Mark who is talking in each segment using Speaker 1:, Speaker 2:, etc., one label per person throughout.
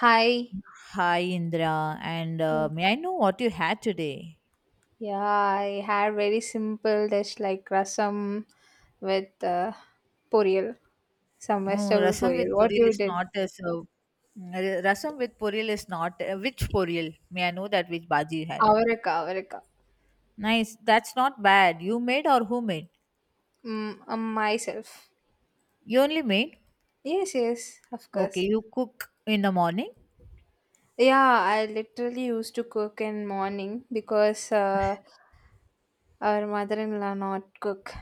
Speaker 1: Hi.
Speaker 2: Hi Indra, and
Speaker 1: Yes.
Speaker 2: may I know what you had today?
Speaker 1: Yeah, I had very simple dish like rasam with பொரியல் some
Speaker 2: Oh,
Speaker 1: vegetable
Speaker 2: rasam with
Speaker 1: பொரியல். What
Speaker 2: poril
Speaker 1: you
Speaker 2: is
Speaker 1: did?
Speaker 2: not a serve. Rasam with poril is not which poril? May I know that which bhaji you had?
Speaker 1: அவரக்கா அவரக்கா
Speaker 2: Nice. That's not bad. You made or who made?
Speaker 1: myself.
Speaker 2: You only made.
Speaker 1: Yes, yes, of course.
Speaker 2: Okay, you cook in the morning.
Speaker 1: Yeah, I literally used to cook in morning because our mother-in-law not cook.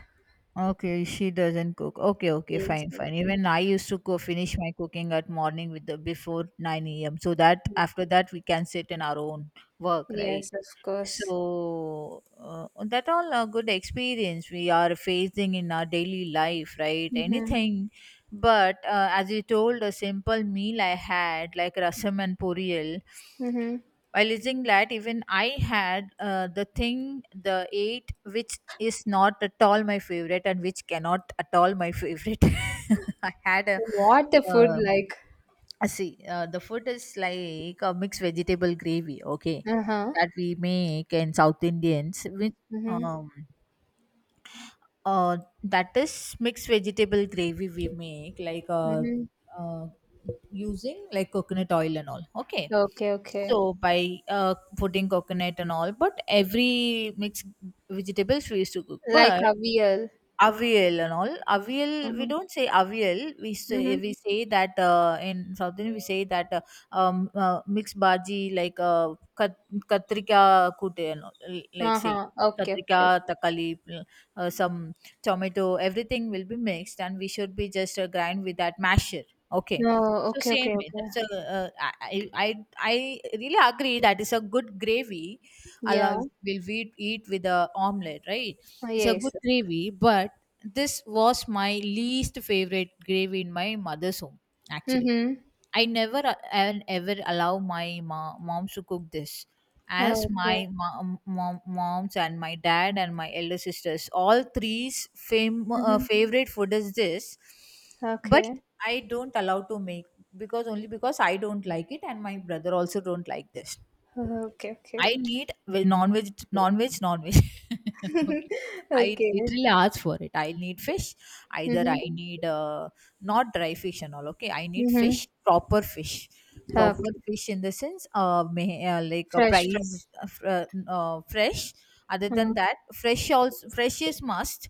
Speaker 2: Okay, she doesn't cook. Okay, okay,
Speaker 1: Yes,
Speaker 2: fine, fine. Even I used to go finish my cooking at morning with the before 9 a.m. So that after that we can sit in our own work, right?
Speaker 1: yes, of course.
Speaker 2: So that all a good experience we are facing in our daily life, right?
Speaker 1: Mm-hmm.
Speaker 2: Anything, but as you told, a simple meal I had like rasam and puriyal.
Speaker 1: Mm-hmm.
Speaker 2: While eating that, even I had the thing, the eight, which is not at all my favorite and which cannot at all my favorite. I had a
Speaker 1: What the food
Speaker 2: uh,
Speaker 1: like?
Speaker 2: see, the food is like a mixed vegetable gravy, okay,
Speaker 1: Uh-huh.
Speaker 2: that we make in South Indians with
Speaker 1: Mm-hmm.
Speaker 2: um uh that is mixed vegetable gravy we make like uh using like coconut oil and all, okay.
Speaker 1: Okay, okay.
Speaker 2: So by putting coconut and all, but every mixed vegetables we used to cook,
Speaker 1: Like
Speaker 2: but
Speaker 1: Avial.
Speaker 2: Avial and all. Avial, we
Speaker 1: Uh-huh.
Speaker 2: don't say avial. We say
Speaker 1: Mhm.
Speaker 2: we say that in South Indian we say that mixed bhaji like katrika kute and all, like say
Speaker 1: Uh-huh. Okay, okay,
Speaker 2: katrika
Speaker 1: okay.
Speaker 2: takali some tomato everything will be mixed and we should be just grind with that masher. Okay,
Speaker 1: Oh,
Speaker 2: so
Speaker 1: okay,
Speaker 2: same
Speaker 1: okay,
Speaker 2: way.
Speaker 1: okay.
Speaker 2: That's a I really agree that is a good gravy. Allow
Speaker 1: Yeah.
Speaker 2: will we eat with a omelette right? It's a
Speaker 1: Yes.
Speaker 2: good gravy, but this was my least favorite grave in my mother's home. Actually,
Speaker 1: Mm-hmm.
Speaker 2: I never and ever allow my mom, to cook this, as
Speaker 1: Okay.
Speaker 2: my moms and my dad and my elder sisters, all three's
Speaker 1: Mm-hmm.
Speaker 2: favorite food is this, but
Speaker 1: Okay.
Speaker 2: I don't allow to make because only because I don't like it and my brother also don't like this.
Speaker 1: Okay, okay.
Speaker 2: I need non-veg, non-veg, non-veg. Okay. I
Speaker 1: Okay.
Speaker 2: literally ask for it. I need fish. Either
Speaker 1: Mm-hmm.
Speaker 2: I need not dry fish and all. Okay. I need
Speaker 1: Mm-hmm.
Speaker 2: fish, proper fish. Proper
Speaker 1: Okay.
Speaker 2: fish in the sense like a
Speaker 1: Fresh, fresh.
Speaker 2: fresh. Other
Speaker 1: Uh,
Speaker 2: than that, fresh also fresh is must,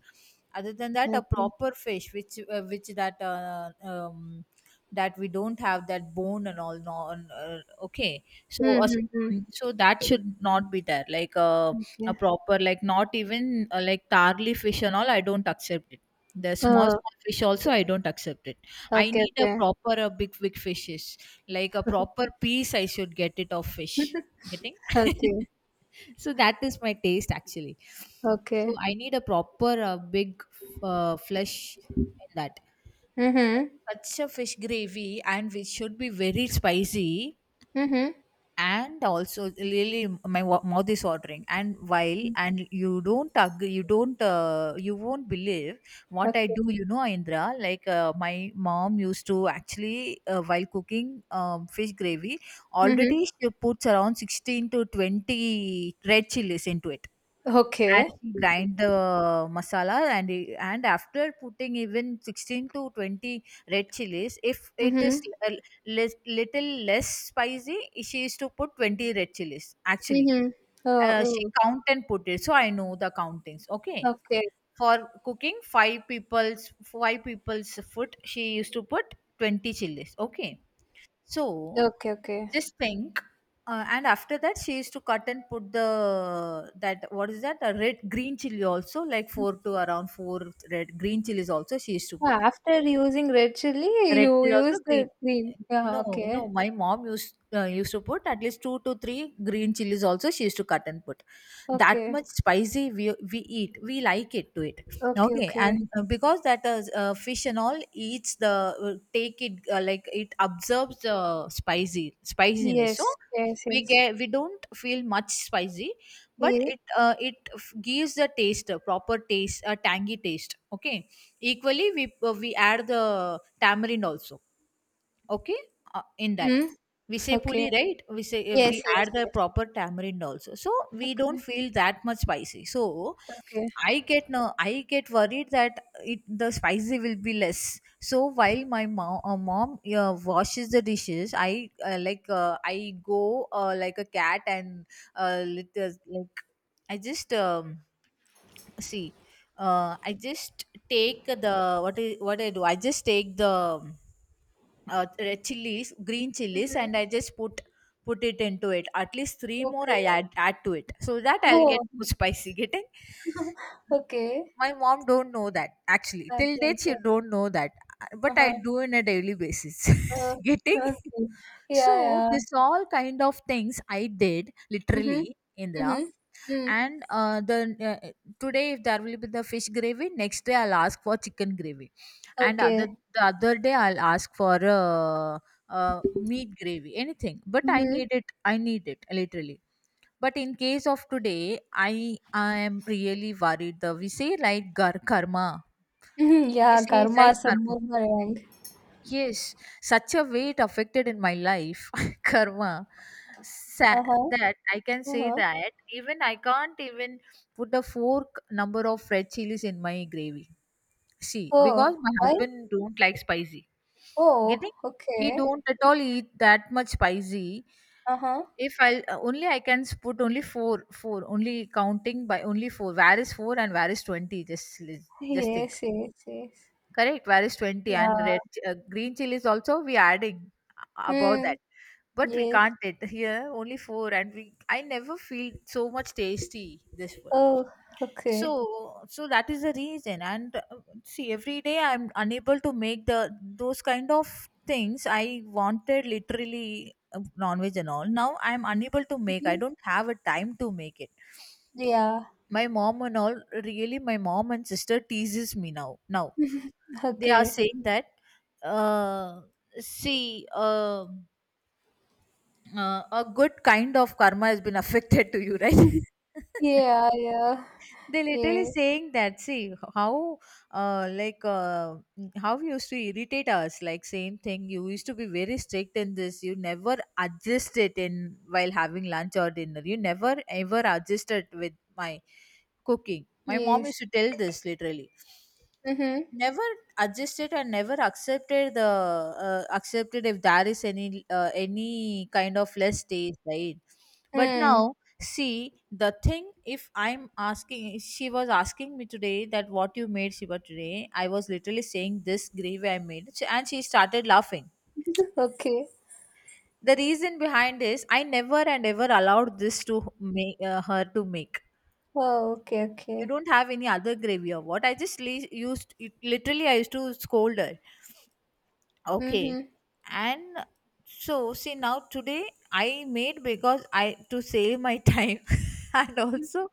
Speaker 2: other than that a
Speaker 1: okay.
Speaker 2: proper fish which that that we don't have that bone and all no and, okay so
Speaker 1: Mm-hmm.
Speaker 2: so that should not be there like a
Speaker 1: Okay.
Speaker 2: proper like not even like tarly fish and all I don't accept it, the small
Speaker 1: Oh,
Speaker 2: small fish also I don't accept it. I
Speaker 1: okay.
Speaker 2: need a
Speaker 1: Okay,
Speaker 2: proper a big big fishes like a proper piece I should get it of fish getting.
Speaker 1: okay.
Speaker 2: So that is my taste actually. So
Speaker 1: Okay.
Speaker 2: I need a proper big flesh in that,
Speaker 1: Mm-hmm.
Speaker 2: such a fish gravy and which should be very spicy
Speaker 1: Mm-hmm.
Speaker 2: and also really my mouth is watering. And while and you don't agree, you don't you won't believe what I
Speaker 1: Okay.
Speaker 2: do you know Indra, like my mom used to actually while cooking fish gravy
Speaker 1: Mm-hmm.
Speaker 2: already she puts around 16 to 20 red chilies into it and
Speaker 1: Okay.
Speaker 2: he grind the masala and and after putting even 16 to 20 red chilies if it is
Speaker 1: Mm-hmm.
Speaker 2: a little less spicy, she is to put 20 red chilies actually.
Speaker 1: Mhm. Oh,
Speaker 2: She
Speaker 1: oh.
Speaker 2: count and put it, so I know the countings. Okay,
Speaker 1: Okay.
Speaker 2: for cooking five people's food she used to put 20 chilies. Okay, so
Speaker 1: Okay, okay.
Speaker 2: just pink, and after that she used to cut and put the, that what is that, a red green chili also like four to around four red green chilies also she used to put.
Speaker 1: Ah, after using red chilli,
Speaker 2: Red
Speaker 1: you
Speaker 2: chili also
Speaker 1: use
Speaker 2: green,
Speaker 1: the green. Yeah,
Speaker 2: no no
Speaker 1: okay.
Speaker 2: my mom used used to put at least two to three green chilies also she used to cut and put. That
Speaker 1: Okay.
Speaker 2: much spicy we eat we like it to it.
Speaker 1: Okay,
Speaker 2: Okay,
Speaker 1: okay.
Speaker 2: and because that fish and all eats the take it like it absorbs the spicy spiciness, so
Speaker 1: Yes, yes,
Speaker 2: we
Speaker 1: yes.
Speaker 2: get, we don't feel much spicy, but
Speaker 1: Yeah.
Speaker 2: it gives the taste, a proper taste, a tangy taste. Okay, equally we add the tamarind also, okay in that
Speaker 1: Hmm?
Speaker 2: we say
Speaker 1: Okay.
Speaker 2: puli right, we say if we
Speaker 1: Yes, yes,
Speaker 2: add the
Speaker 1: yes.
Speaker 2: proper tamarind also so we don't
Speaker 1: Okay,
Speaker 2: feel that much spicy. So
Speaker 1: okay.
Speaker 2: I get, no I get worried that it the spicy will be less, so while my mom, washes the dishes I like I go like a cat and uh, lit- uh, like I just see, I just take the, what is, what I do, I just take the red chilies green chilies and
Speaker 1: Mhm.
Speaker 2: I just put, put it into it at least three more I
Speaker 1: Okay.
Speaker 2: add, add to it so that I'll
Speaker 1: Oh,
Speaker 2: get more spicy getting.
Speaker 1: okay.
Speaker 2: My mom don't know that actually,
Speaker 1: Okay,
Speaker 2: till date she
Speaker 1: okay.
Speaker 2: don't know that, but I
Speaker 1: Uh-huh.
Speaker 2: do on a daily basis.
Speaker 1: Uh,
Speaker 2: Getting.
Speaker 1: okay.
Speaker 2: So
Speaker 1: Yeah, yeah.
Speaker 2: this all kind of things I did
Speaker 1: Mm-hmm.
Speaker 2: literally, Indra.
Speaker 1: Mm-hmm. Mm.
Speaker 2: And the uh, today if there will be the fish gravy next day I'll ask for chicken gravy, and other
Speaker 1: Okay.
Speaker 2: the other day I'll ask for meat gravy, anything but I
Speaker 1: Mm-hmm.
Speaker 2: need it, I need it literally. But in case of today I am really worried, the we say right, karma,
Speaker 1: Mm-hmm. Yeah,
Speaker 2: we
Speaker 1: karma
Speaker 2: say right,
Speaker 1: sabbu
Speaker 2: karma.
Speaker 1: boomerang.
Speaker 2: Yes, such a way it affected in my life, karma, sa-
Speaker 1: Uh-huh.
Speaker 2: that I can say
Speaker 1: Uh-huh.
Speaker 2: that even I can't even put a fork number of red chilies in my gravy. See, because
Speaker 1: Oh,
Speaker 2: my
Speaker 1: why?
Speaker 2: husband don't like spicy.
Speaker 1: Oh,
Speaker 2: Getting he
Speaker 1: okay.
Speaker 2: don't at all eat that much spicy.
Speaker 1: Uh-huh.
Speaker 2: If I only I can put only four, four only, counting by only four. Where is four and where is 20? Just think.
Speaker 1: Yes, yes, yes.
Speaker 2: Correct, where is 20 and
Speaker 1: Yeah.
Speaker 2: red green chilies also we adding about
Speaker 1: Hmm.
Speaker 2: that. But we
Speaker 1: Yes.
Speaker 2: can't it here only four, and we I never feel so much tasty this one.
Speaker 1: Oh, okay.
Speaker 2: So so that is the reason, and see every day I'm unable to make the those kind of things I wanted literally, non-veg and all. Now I'm unable to make. I
Speaker 1: Mhm.
Speaker 2: don't have a time to make it.
Speaker 1: Yeah,
Speaker 2: My mom and all really my mom and sister teases me now now, they are
Speaker 1: okay.
Speaker 2: saying that uh, see a good kind of karma has been affected to you right.
Speaker 1: Yeah, yeah,
Speaker 2: They literally
Speaker 1: yeah,
Speaker 2: saying that, see how uh, like uh, how you used to irritate us, like same thing you used to be very strict in this, you never adjusted in, while having lunch or dinner you never ever adjusted with my cooking, my mom
Speaker 1: yes.
Speaker 2: used to tell this literally.
Speaker 1: Mm-hmm.
Speaker 2: Never adjusted and never accepted the accepted if there is any kind of less taste right. But
Speaker 1: Mm.
Speaker 2: now see the thing, if I'm asking, she was asking me today that what you made Shiva today, I was literally saying this gravy I made, and she started laughing.
Speaker 1: Okay.
Speaker 2: The reason behind is I never and ever allowed this to make, her to make.
Speaker 1: Oh, okay,
Speaker 2: You
Speaker 1: okay.
Speaker 2: don't have any other gravy or what, I just used it, literally I used to scold her. Okay.
Speaker 1: Mm-hmm.
Speaker 2: And so see now today I made because I to save my time and also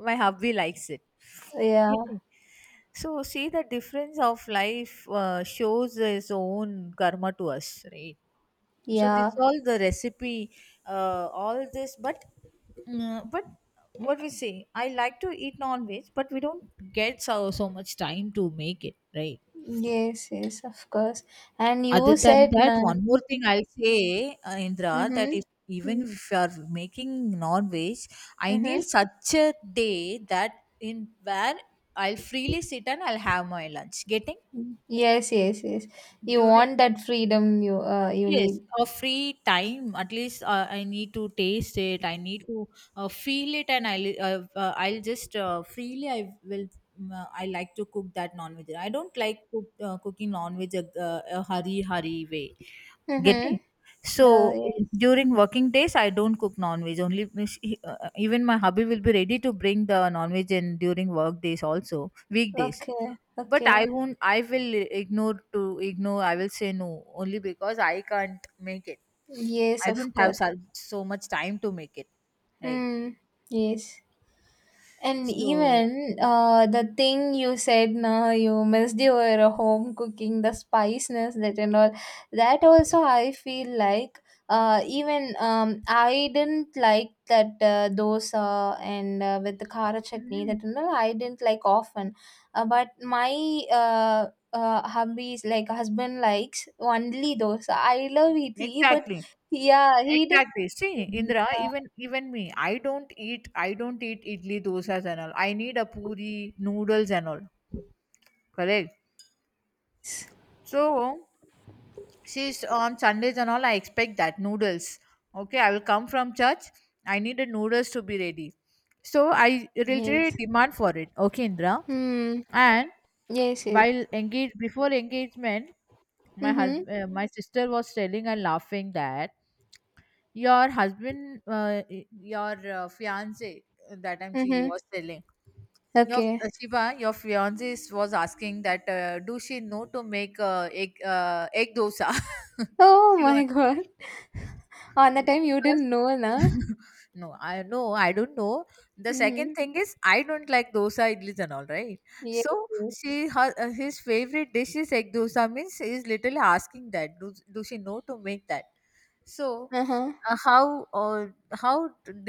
Speaker 2: my hubby likes it.
Speaker 1: Yeah,
Speaker 2: Getting. So see the difference of life shows its own karma to us, right? So
Speaker 1: yeah.
Speaker 2: this all the recipe, all this, but but what we say, I like to eat non-veg, but we don't get so so much time to make it, right?
Speaker 1: Yes, yes, of course. And
Speaker 2: Other
Speaker 1: you
Speaker 2: than
Speaker 1: said,
Speaker 2: that,
Speaker 1: na.
Speaker 2: one more thing I'll say, Indra, that
Speaker 1: Mm-hmm.
Speaker 2: if even if you are making non-veg, I need
Speaker 1: Mm-hmm.
Speaker 2: such a day that in where I'll freely sit and I'll have my lunch. Getting
Speaker 1: Yes, yes, yes. You
Speaker 2: during,
Speaker 1: want that freedom, you you need.
Speaker 2: yes a free time at least I need to taste it, I need to feel it, and I'll I'll just freely I will I like to cook that non-veg, I don't like cook, cooking non-veg a hurry hurry way. Getting.
Speaker 1: Mm-hmm. No,
Speaker 2: So
Speaker 1: yes.
Speaker 2: during working days, I don't cook non-veg. Only even my hubby will be ready to bring the non-veg in during work days also, weekdays.
Speaker 1: Okay,
Speaker 2: But I
Speaker 1: okay.
Speaker 2: won't. I will ignore to ignore, I will say no only because I can't make it.
Speaker 1: Yes,
Speaker 2: I
Speaker 1: of
Speaker 2: don't have
Speaker 1: course.
Speaker 2: so, so much time to make it. Right.
Speaker 1: Hmm. Yes. And
Speaker 2: So
Speaker 1: even the thing you said now, you missed your home cooking, the spiciness that and all, that also I feel like even I didn't like that dosa and with the khara chutney
Speaker 2: mhm,
Speaker 1: that and all, I didn't like often. But my hubby's like husband likes only dosa. I love idli, but
Speaker 2: exactly.
Speaker 1: yeah, he didn't.
Speaker 2: Exactly. See,
Speaker 1: Like
Speaker 2: Indra, even even me, I don't eat, I don't eat idli, dosas and all. I need a puri, noodles and all. Correct. So she's on Sundays and all. I expect that noodles. Okay, I will come from church. I need the noodles to be ready. So I
Speaker 1: yes.
Speaker 2: reiterated demand for it. Okay, Indra.
Speaker 1: Hmm.
Speaker 2: And
Speaker 1: Yes. Yes.
Speaker 2: while engaged before engagement, my
Speaker 1: Mhm.
Speaker 2: husband, my sister was telling and laughing that your husband, your fiance, that time she
Speaker 1: Mhm.
Speaker 2: was telling your
Speaker 1: Okay.
Speaker 2: Shiva, your was asking that do she know to make egg dosa.
Speaker 1: Oh
Speaker 2: She was
Speaker 1: my God. On the time you
Speaker 2: because
Speaker 1: didn't know, na?
Speaker 2: no, I don't know. The second
Speaker 1: Mhm.
Speaker 2: thing is I don't like dosa idlis and all, right?
Speaker 1: Yes.
Speaker 2: So
Speaker 1: Yes.
Speaker 2: his favorite dish is egg dosa, means he is literally asking that do she know to make that. So
Speaker 1: Uh-huh.
Speaker 2: uh, how uh, how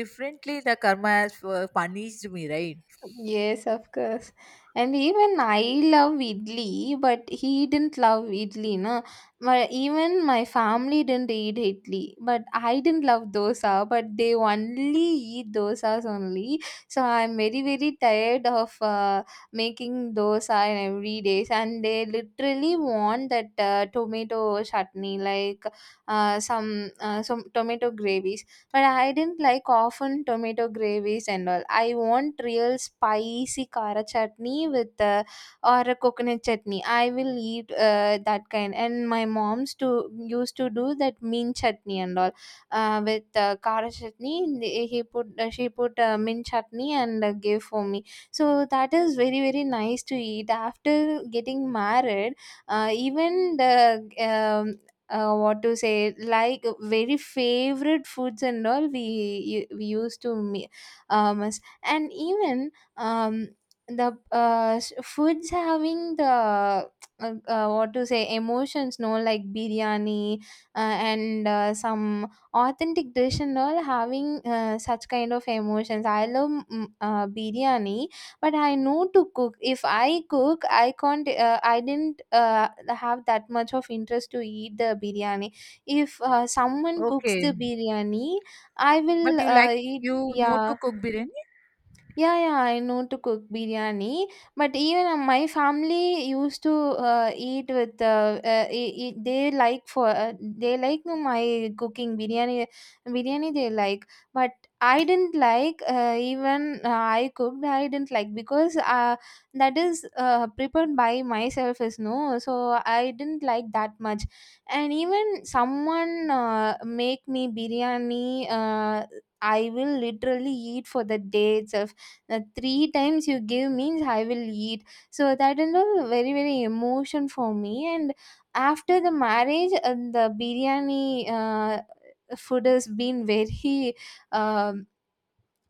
Speaker 2: differently the karma has punished me, right?
Speaker 1: Yes, of course. And even I love idli, but he didn't love idli, no. Even my family didn't eat idli, but I didn't love dosa, but they only eat dosas only. So I'm very, very tired of making dosa in every day. And they literally want that tomato chutney, like some tomato gravy, but I didn't like often tomato gravies and all. I want real spicy kara chutney with or a coconut chutney. I will eat that kind. And my mom's to used to do that mint chutney and all with kara chutney, and He put she put mint chutney and gave for me. So that is very very nice to eat. After getting married, even the um, what to say, like very favorite foods and all we used to me and even um the foods having the what to say emotions no, like biryani and some authentic dish and all having such kind of emotions, I love biryani, but I know to cook. If I cook, I can't, I didn't have that much of interest to eat the biryani. If someone cooks the
Speaker 2: Okay,
Speaker 1: biryani, I will
Speaker 2: but you like
Speaker 1: eat.
Speaker 2: you know to
Speaker 1: Yeah,
Speaker 2: cook biryani?
Speaker 1: yeah, yeah, I know to cook biryani, but even my family used to eat with they like my cooking biryani, biryani they like, but I didn't like even I cooked, I didn't like because that is prepared by myself is no, so I didn't like that much, and even someone make me biryani, I will literally eat for the day itself, three times you give means I will eat, so that is a very very emotion for me. And after the marriage, the biryani food has been very um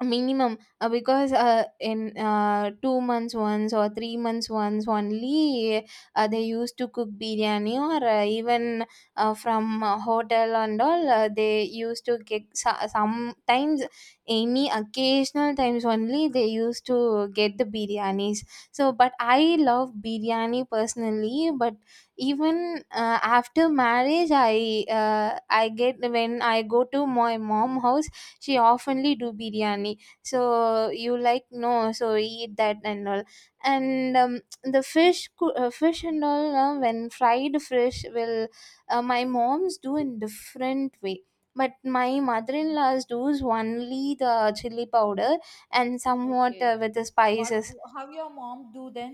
Speaker 1: minimum, because in 2 months once or 3 months once only, they used to cook biryani, or even from hotel and all they used to get, sometimes any occasional times only they used to get the biryanis. So, but I love biryani personally, but even after marriage, I get when I go to my mom house, she oftenly do biryani, so you like no, so eat that and all. And the fish and all, when fried fish will, my mom's do in different way, but my mother-in-law's does only the chili powder and somewhat
Speaker 2: Okay,
Speaker 1: with the
Speaker 2: what,
Speaker 1: spices.
Speaker 2: how your mom do then?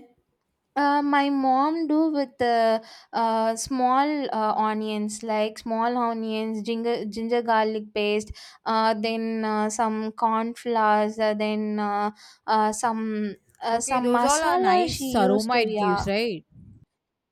Speaker 1: My mom do with the small onions, like small onions, ginger garlic paste, then some corn flours, then uh, some
Speaker 2: Okay,
Speaker 1: some
Speaker 2: those all are
Speaker 1: masala she
Speaker 2: nice
Speaker 1: used to.
Speaker 2: aroma it
Speaker 1: Yeah.
Speaker 2: gives, right?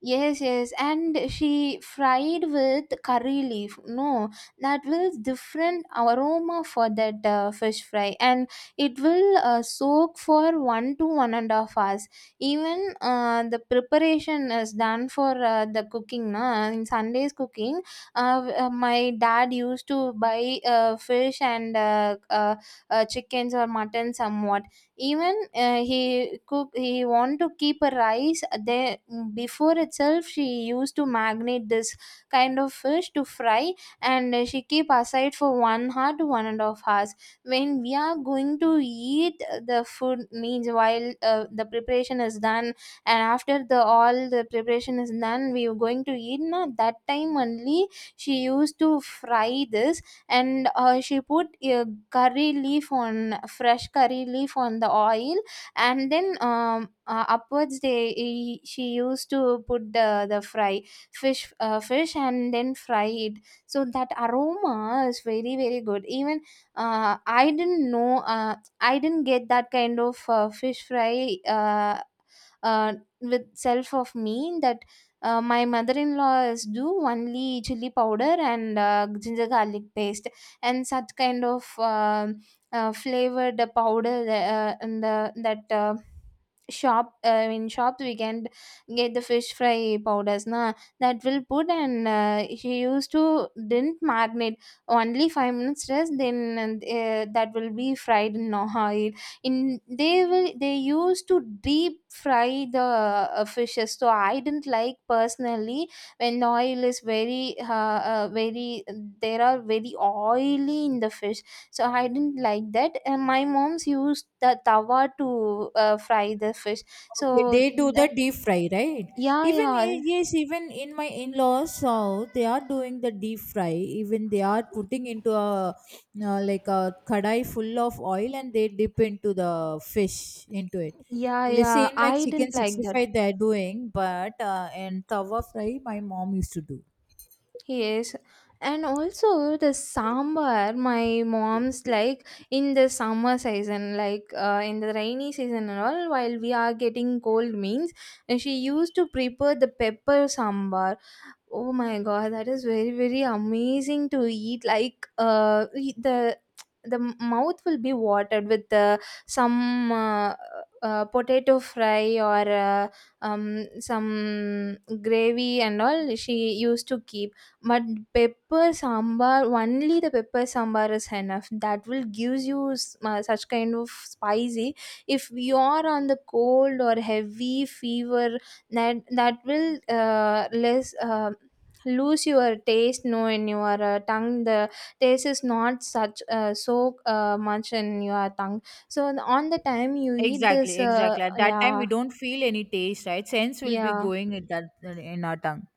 Speaker 1: Yes, yes, and she fried with curry leaf. No, that will different aroma for that fish fry, and it will soak for 1 to 1.5 hours. Even the preparation is done for the cooking. Na, in Sundays cooking, my dad used to buy fish and chickens or mutton somewhat. Even he cook, he want to keep a rice there before itself she used to marinate this kind of fish to fry, and she keep aside for 1 hour to 1.5 hours. When we are going to eat the food means while the preparation is done, and after the all the preparation is done, we are going to eat now, that time only she used to fry this. And she put a curry leaf, on fresh curry leaf on the oil, and then upwards, they she used to put the fry fish fish and then fry it. So that aroma is very very good. Even I didn't know, I didn't get that kind of fish fry, uh, with self of me, that my mother-in-laws law do only chili powder and ginger garlic paste and such kind of flavored powder, in the that shop, in shops we can get the fish fry powders na. That will put, and she used to didn't marinate, only 5 minutes rest then, and that will be fried in oil. In, they will, they used to deep fry the fishes, so I didn't like personally. When oil is very, there are very oily in the fish, so I didn't like that, and my mom's used the tawa to fry the fish, so
Speaker 2: Okay, they do the
Speaker 1: that,
Speaker 2: deep fry, right?
Speaker 1: yeah,
Speaker 2: Even
Speaker 1: yeah,
Speaker 2: yes, even in my in-laws, they are doing the deep fry. Even they are putting into a like a kadai full of oil, and they dip into the fish into it.
Speaker 1: yeah,
Speaker 2: The
Speaker 1: yeah,
Speaker 2: same like
Speaker 1: I didn't
Speaker 2: chicken
Speaker 1: like that.
Speaker 2: 65 they are doing, but and tawa fry my mom used to do.
Speaker 1: Yes, and also the sambar my mom's like in the summer season, like in the rainy season and all, while we are getting cold means she used to prepare the pepper sambar. Oh my god, that is very very amazing to eat. Like the mouth will be watered with the some potato fry or some gravy and all she used to keep. But pepper sambar, only the pepper sambar is enough. That will gives you such kind of spicy. If you are on the cold or heavy fever, that will less lose your taste no in your tongue. The taste is not such so much in your tongue, so on the time you eat this.
Speaker 2: Exactly, exactly. At that time,
Speaker 1: Yeah,
Speaker 2: we don't feel any taste, right? Sense will be
Speaker 1: yeah.
Speaker 2: going in that in our tongue.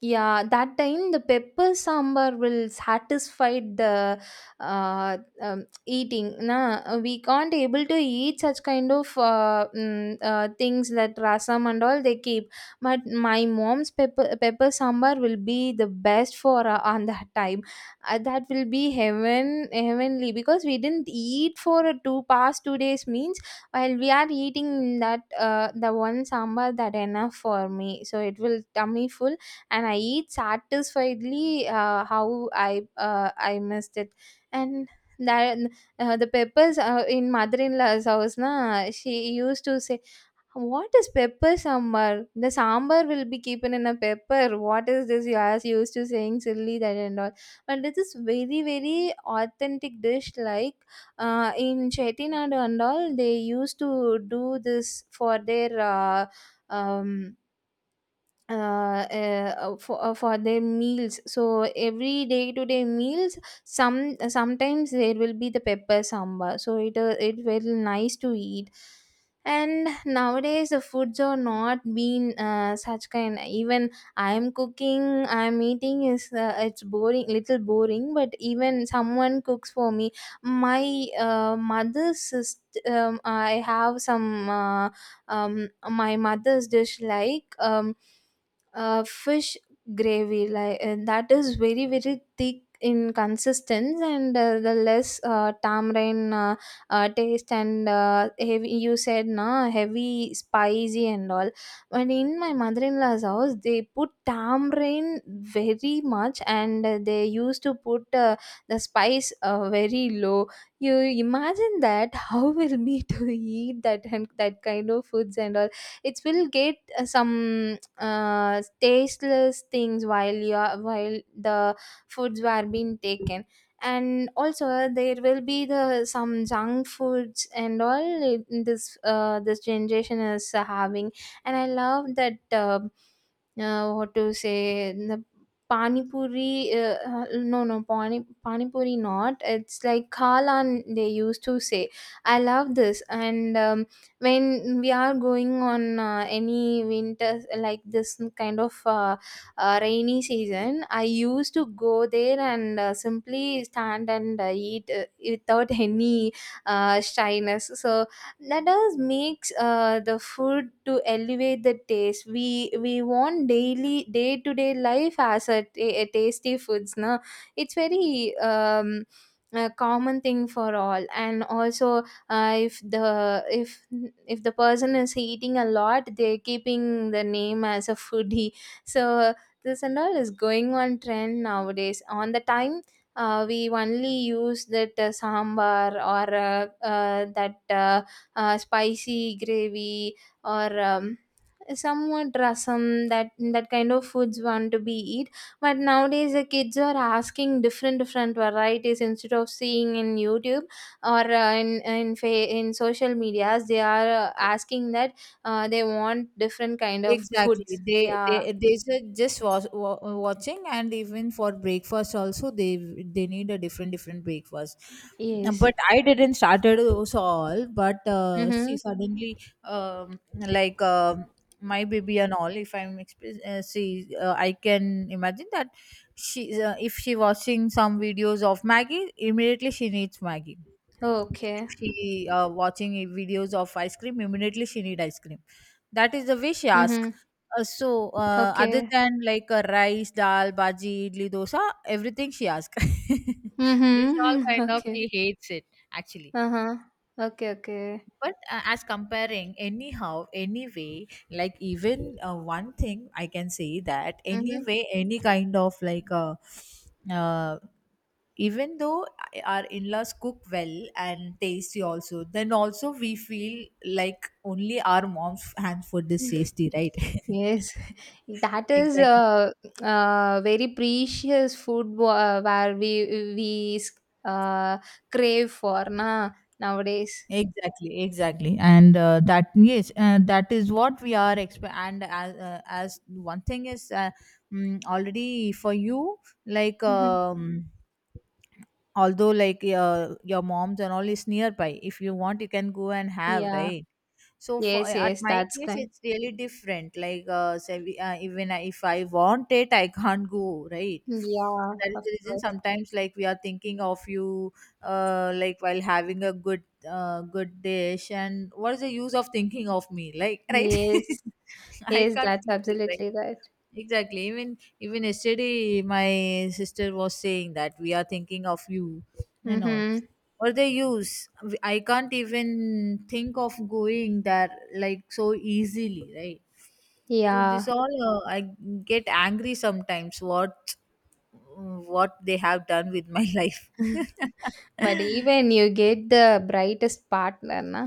Speaker 1: Yeah, that time the pepper sambar will satisfy the eating. Na, we can't able to eat such kind of things that rasam and all they keep. But my mom's pepper sambar will be the best for on that time. That will be heavenly because we didn't eat for two past 2 days means while we are eating that, the one sambar that enough for me. So it will tummy full and I eat satisfiedly, how I missed it. And that, the peppers in mother-in-law's house, na, she used to say, "What is pepper sambar? The sambar will be keeping in a pepper. What is this?" You are used to saying silly that and all. But this is very very authentic dish like in Chettinad and all, they used to do this for their um, for their meals, so every day to day meals sometimes there will be the pepper sambar, so it very nice to eat. And nowadays the foods are not being such kind. Even I'm cooking, I'm eating is it's boring, little boring, but even someone cooks for me, my I have some my mother's dish like, fish gravy like, and that is very very thick in consistence, and the less tamarind taste, and heavy, you said na, heavy spicy and all. And in my mother-in-law's house they put tamarind very much, and they used to put the spice very low. You imagine that how will me to eat that and that kind of foods and all. It will get some tasteless things while you are, while the foods were being taken. And also there will be the some junk foods and all in this this generation is having. And I love that what to say, the pani puri, no no pani puri, not, it's like kalan they used to say. I love this, and when we are going on any winter, like this kind of rainy season, I used to go there and simply stand and eat without any shyness. So that does makes the food to elevate the taste. We want daily day to day life as a, a tasty foods, no, it's very a common thing for all. And also if the if the person is eating a lot, they're keeping the name as a foodie. So this and all is going on trend nowadays on the time. We only use that sambar, or that spicy gravy, or somewhat rasam, that kind of foods want to be eat. But nowadays the kids are asking different different varieties, instead of seeing in YouTube or in in social medias, they are asking that they want different kind of
Speaker 2: Exactly.
Speaker 1: foods,
Speaker 2: They
Speaker 1: yeah.
Speaker 2: they they ju- just was watching, and even for breakfast also they need a different different breakfast.
Speaker 1: Yes.
Speaker 2: But I didn't started also all. But
Speaker 1: Mm-hmm.
Speaker 2: see, suddenly like, my baby and all. If I'm express, see, I can imagine that she if she watching some videos of Maggie, immediately she needs Maggie.
Speaker 1: Okay.
Speaker 2: If she videos of ice cream, immediately she need ice cream. That is the way she ask.
Speaker 1: Mm-hmm.
Speaker 2: So other
Speaker 1: Okay.
Speaker 2: than like rice dal bhaji idli dosa, everything she ask. This all
Speaker 1: Mm-hmm.
Speaker 2: kind of
Speaker 1: Okay.
Speaker 2: she hates it actually.
Speaker 1: Uh-huh. Okay, okay.
Speaker 2: But as comparing anyhow anyway, like even one thing I can say that
Speaker 1: Mm-hmm.
Speaker 2: anyway, any kind of like uh, even though our in-laws cook well and tasty also, then also we feel like only our mom's hand food is tasty, right?
Speaker 1: Yes, that is
Speaker 2: Exactly,
Speaker 1: very precious food, where we we uh, crave for, na, nowadays.
Speaker 2: exactly, exactly. And that, yes, that is what we are and as one thing is already for you, like
Speaker 1: Mhm.
Speaker 2: although like your mom's and all is nearby, if you want you can go and have,
Speaker 1: Yeah.
Speaker 2: right? So for
Speaker 1: Yes.
Speaker 2: at
Speaker 1: Yes,
Speaker 2: my
Speaker 1: that's
Speaker 2: case,
Speaker 1: correct.
Speaker 2: it's really different. Like say, even if I want it, I can't go. Right.
Speaker 1: Yeah,
Speaker 2: That is
Speaker 1: of
Speaker 2: the reason.
Speaker 1: course.
Speaker 2: Sometimes, like we are thinking of you, like while having a good, good dish, and what is the use of thinking of me? Like, right?
Speaker 1: Yes.
Speaker 2: I
Speaker 1: Yes,
Speaker 2: can't
Speaker 1: that's
Speaker 2: feel it, right?
Speaker 1: absolutely right.
Speaker 2: Exactly. Even even yesterday, my sister was saying that we are thinking of you and all.
Speaker 1: Mm-hmm.
Speaker 2: What they use? I can't even think of going there like so easily, right? So this
Speaker 1: Yeah.
Speaker 2: all I get angry sometimes. What they have done with my life?
Speaker 1: But even you get the brightest partner, na.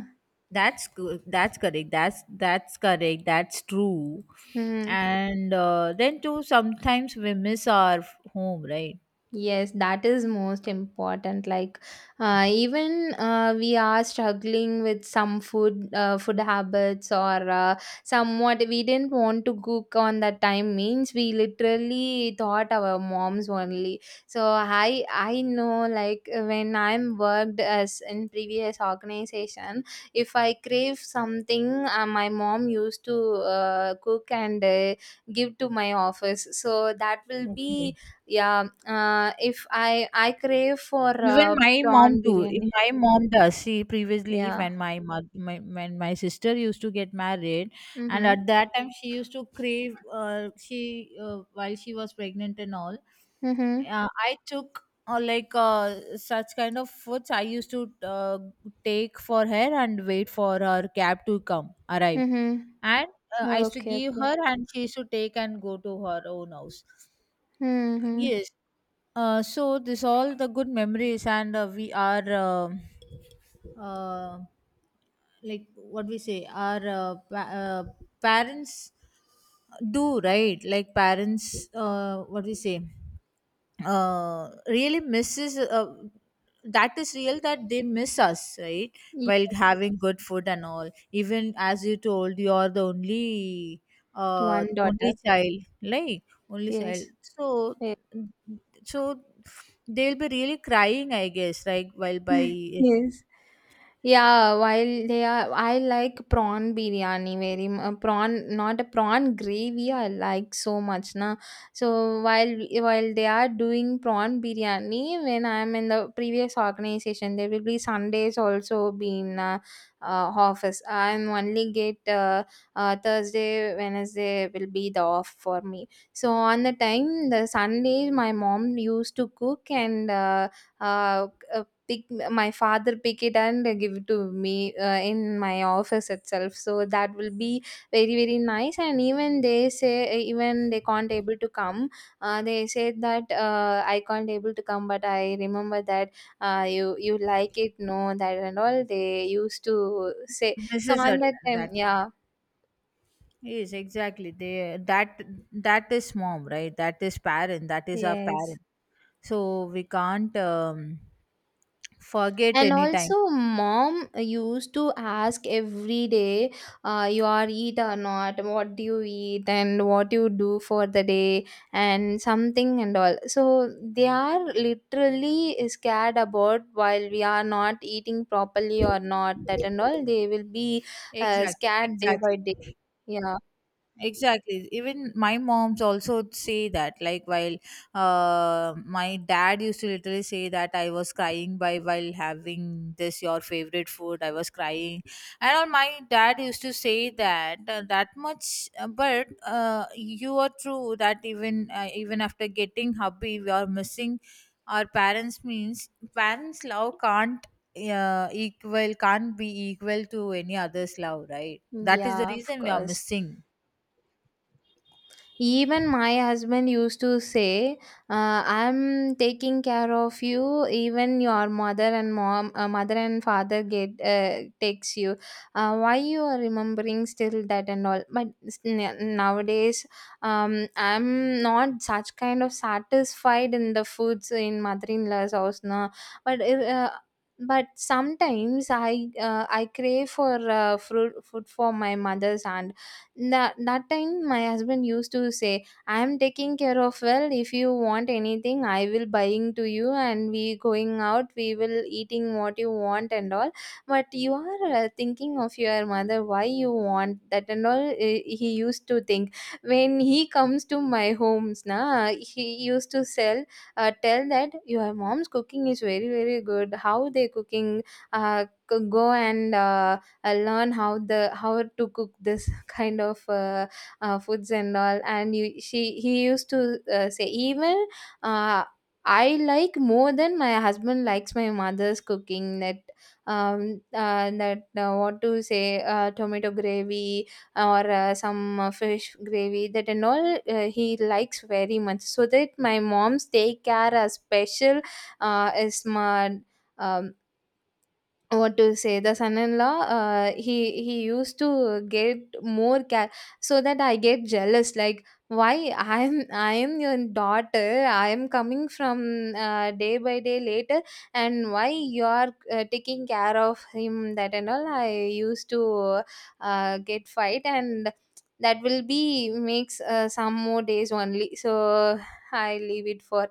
Speaker 2: That's good. That's correct. That's correct. That's true.
Speaker 1: Hmm.
Speaker 2: And then too, sometimes we miss our home, right?
Speaker 1: Yes, that is most important. Like, even we are struggling with some food, food habits, or somewhat we didn't want to cook on that time. Means we literally thought our moms only. So I know, like when I'm worked as in previous organization, if I crave something, my mom used to cook and give to my office. So that will be,
Speaker 2: Okay.
Speaker 1: yeah, if I crave for
Speaker 2: Even my mom
Speaker 1: prawn
Speaker 2: too. If
Speaker 1: biryani.
Speaker 2: My mom does. She previously,
Speaker 1: Yeah.
Speaker 2: when my mother, when my sister used to get married, and
Speaker 1: Mhm.
Speaker 2: at that time she used to crave. She while she was pregnant and all,
Speaker 1: Mhm.
Speaker 2: I took like such kind of foods. I used to take for her and wait for her cab to come arrive,
Speaker 1: Mhm.
Speaker 2: and I used to
Speaker 1: Okay.
Speaker 2: give
Speaker 1: Okay.
Speaker 2: her, and she used to take and go to her own house.
Speaker 1: Mhm.
Speaker 2: Yes. So this all the good memories, and we are uh, like what we say, our parents do, right. Like parents, what we say really misses that is real, that they miss us, right?
Speaker 1: Ye-
Speaker 2: While having good food and all, even as you told, you are the only
Speaker 1: One
Speaker 2: only
Speaker 1: daughter.
Speaker 2: child, like only child.
Speaker 1: Yes.
Speaker 2: So
Speaker 1: Yes.
Speaker 2: so they'll be really crying, I guess, like while by
Speaker 1: Yes. Yeah, while they are, I like prawn biryani very prawn, not a prawn gravy, I like so much na. So while they are doing prawn biryani, when I am in the previous organization, there will be Sundays also being office. I am only get Thursday, Wednesday will be the off for me. So on the time the Sunday, my mom used to cook and. Uh, Pick, my father pick it and give it to me in my office itself, so that will be very very nice. And even they say, even they can't able to come, they said that I can't able to come, but I remember that you like it, no, that and all they used to say. So
Speaker 2: misses
Speaker 1: on
Speaker 2: at
Speaker 1: that time,
Speaker 2: that.
Speaker 1: yeah.
Speaker 2: Yes, exactly, they that that is mom, right? That is parent, that is our
Speaker 1: Yes.
Speaker 2: parent. So we can't forget
Speaker 1: And
Speaker 2: anytime.
Speaker 1: also, mom used to ask every day, you are eat or not, what do you eat, and what you do for the day, and something and all. So they are literally scared about while we are not eating properly or not, that and all. They will be
Speaker 2: Exactly,
Speaker 1: scared day by
Speaker 2: exactly.
Speaker 1: day. Yeah,
Speaker 2: Exactly. Even my mom's also say that. Like while my dad used to literally say that I was crying by while having this your favorite food. I was crying, and all my dad used to say that that much. But you are true that even after getting hubby, we are missing our parents. Means parents' love can't equal can't be equal to any other's love, right? That is the
Speaker 1: yeah, of
Speaker 2: reason we are
Speaker 1: course.
Speaker 2: missing.
Speaker 1: Even my husband used to say, "I'm taking care of you. Even your mother and mom, mother and father get takes you. Why you are remembering still that and all?" But nowadays, I'm not such kind of satisfied in the foods in mother-in-law's house now. But uh, but sometimes I crave for fruit food for my mother's aunt. That time my husband used to say, I am taking care of well, if you want anything I will buying to you, and we going out, we will eating what you want and all. But you are thinking of your mother, why you want that and all, eh, he used to think. When he comes to my homes, na, he used to sell, tell that your mom's cooking is very very good, how they cooking, go and I learn how the how to cook this kind of foods and all. And you, she he used to say, even uh, I like more than my husband likes my mother's cooking. That what to say, tomato gravy or some fish gravy, that and all he likes very much. So that my mom's daycare a special is my um, what to say, the son-in-law, he used to get more care. So that I get jealous like, why I am your daughter, I am coming from day by day later, and why you are taking care of him, that and all. I used to get fight, and that will be makes some more days only, so I leave it for.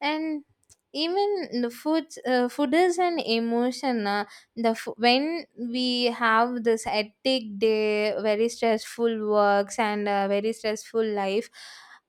Speaker 1: And even the food is an emotion. When we have this hectic day, very stressful works and a very stressful life,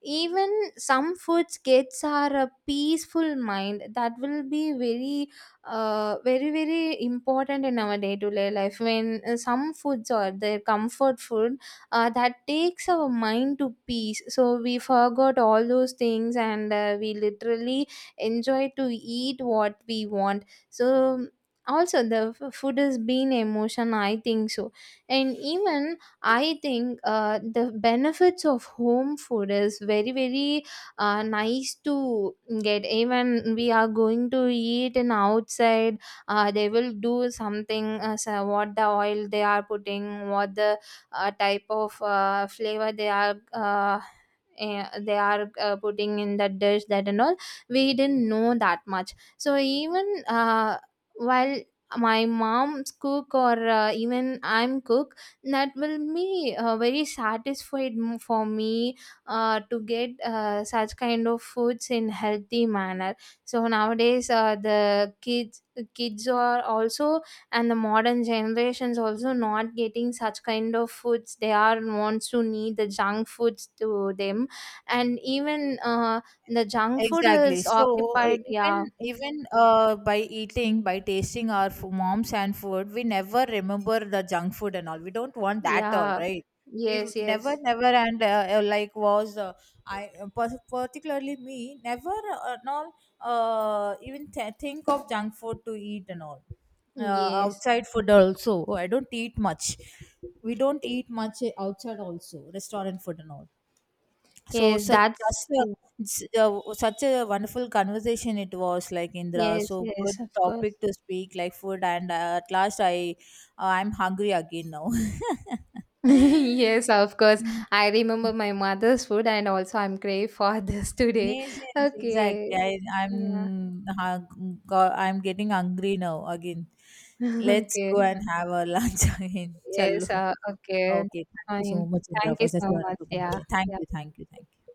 Speaker 1: even some foods gets are a peaceful mind, that will be very very very important in our day to day life. When some foods are their comfort food, that takes our mind to peace, so we forgot all those things and we literally enjoy to eat what we want. So also food has been emotion, I think so. And even I think, the benefits of home food is very very nice to get. Even we are going to eat in outside, they will do something, so what the oil they are putting, what the type of flavor they are they are putting in that dish, that and all, we didn't know that much. So even while my mom's cook, or even I'm cook, that will be very satisfied for me to get such kind of foods in healthy manner. So nowadays the kids are also, and the modern generations also not getting such kind of foods, they are wants to need the junk foods to them. And even the junk food
Speaker 2: Exactly.
Speaker 1: is
Speaker 2: So
Speaker 1: occupied,
Speaker 2: even
Speaker 1: yeah.
Speaker 2: even by eating, by tasting our mom's and food, we never remember the junk food and all. We don't want that all,
Speaker 1: Yeah.
Speaker 2: right? We
Speaker 1: Yes,
Speaker 2: never,
Speaker 1: yes.
Speaker 2: never, and like was I particularly me never and all even think of junk food to eat and all.
Speaker 1: Yes,
Speaker 2: Outside food also. I don't eat much. We don't eat much outside also. Restaurant food and all. So
Speaker 1: yes,
Speaker 2: such
Speaker 1: that's,
Speaker 2: just a, such a wonderful conversation it was like, Indra.
Speaker 1: yes,
Speaker 2: So
Speaker 1: yes,
Speaker 2: good
Speaker 1: of course.
Speaker 2: topic to speak, like food, and at last I I'm hungry again now.
Speaker 1: Yes, of course.
Speaker 2: Mm,
Speaker 1: I remember my mother's food, and also I'm crave for this today.
Speaker 2: yes, yes, exactly.
Speaker 1: Okay,
Speaker 2: I,
Speaker 1: yeah,
Speaker 2: I'm getting hungry now again. Let's
Speaker 1: okay,
Speaker 2: go and have a lunch again.
Speaker 1: yes,
Speaker 2: Chalo.
Speaker 1: okay,
Speaker 2: Okay, thank you so
Speaker 1: fine.
Speaker 2: much, Indra,
Speaker 1: Thank
Speaker 2: for
Speaker 1: you
Speaker 2: such
Speaker 1: so
Speaker 2: a
Speaker 1: much.
Speaker 2: wonderful
Speaker 1: Yeah,
Speaker 2: conversation. Thank you,
Speaker 1: yeah.
Speaker 2: thank you, thank you.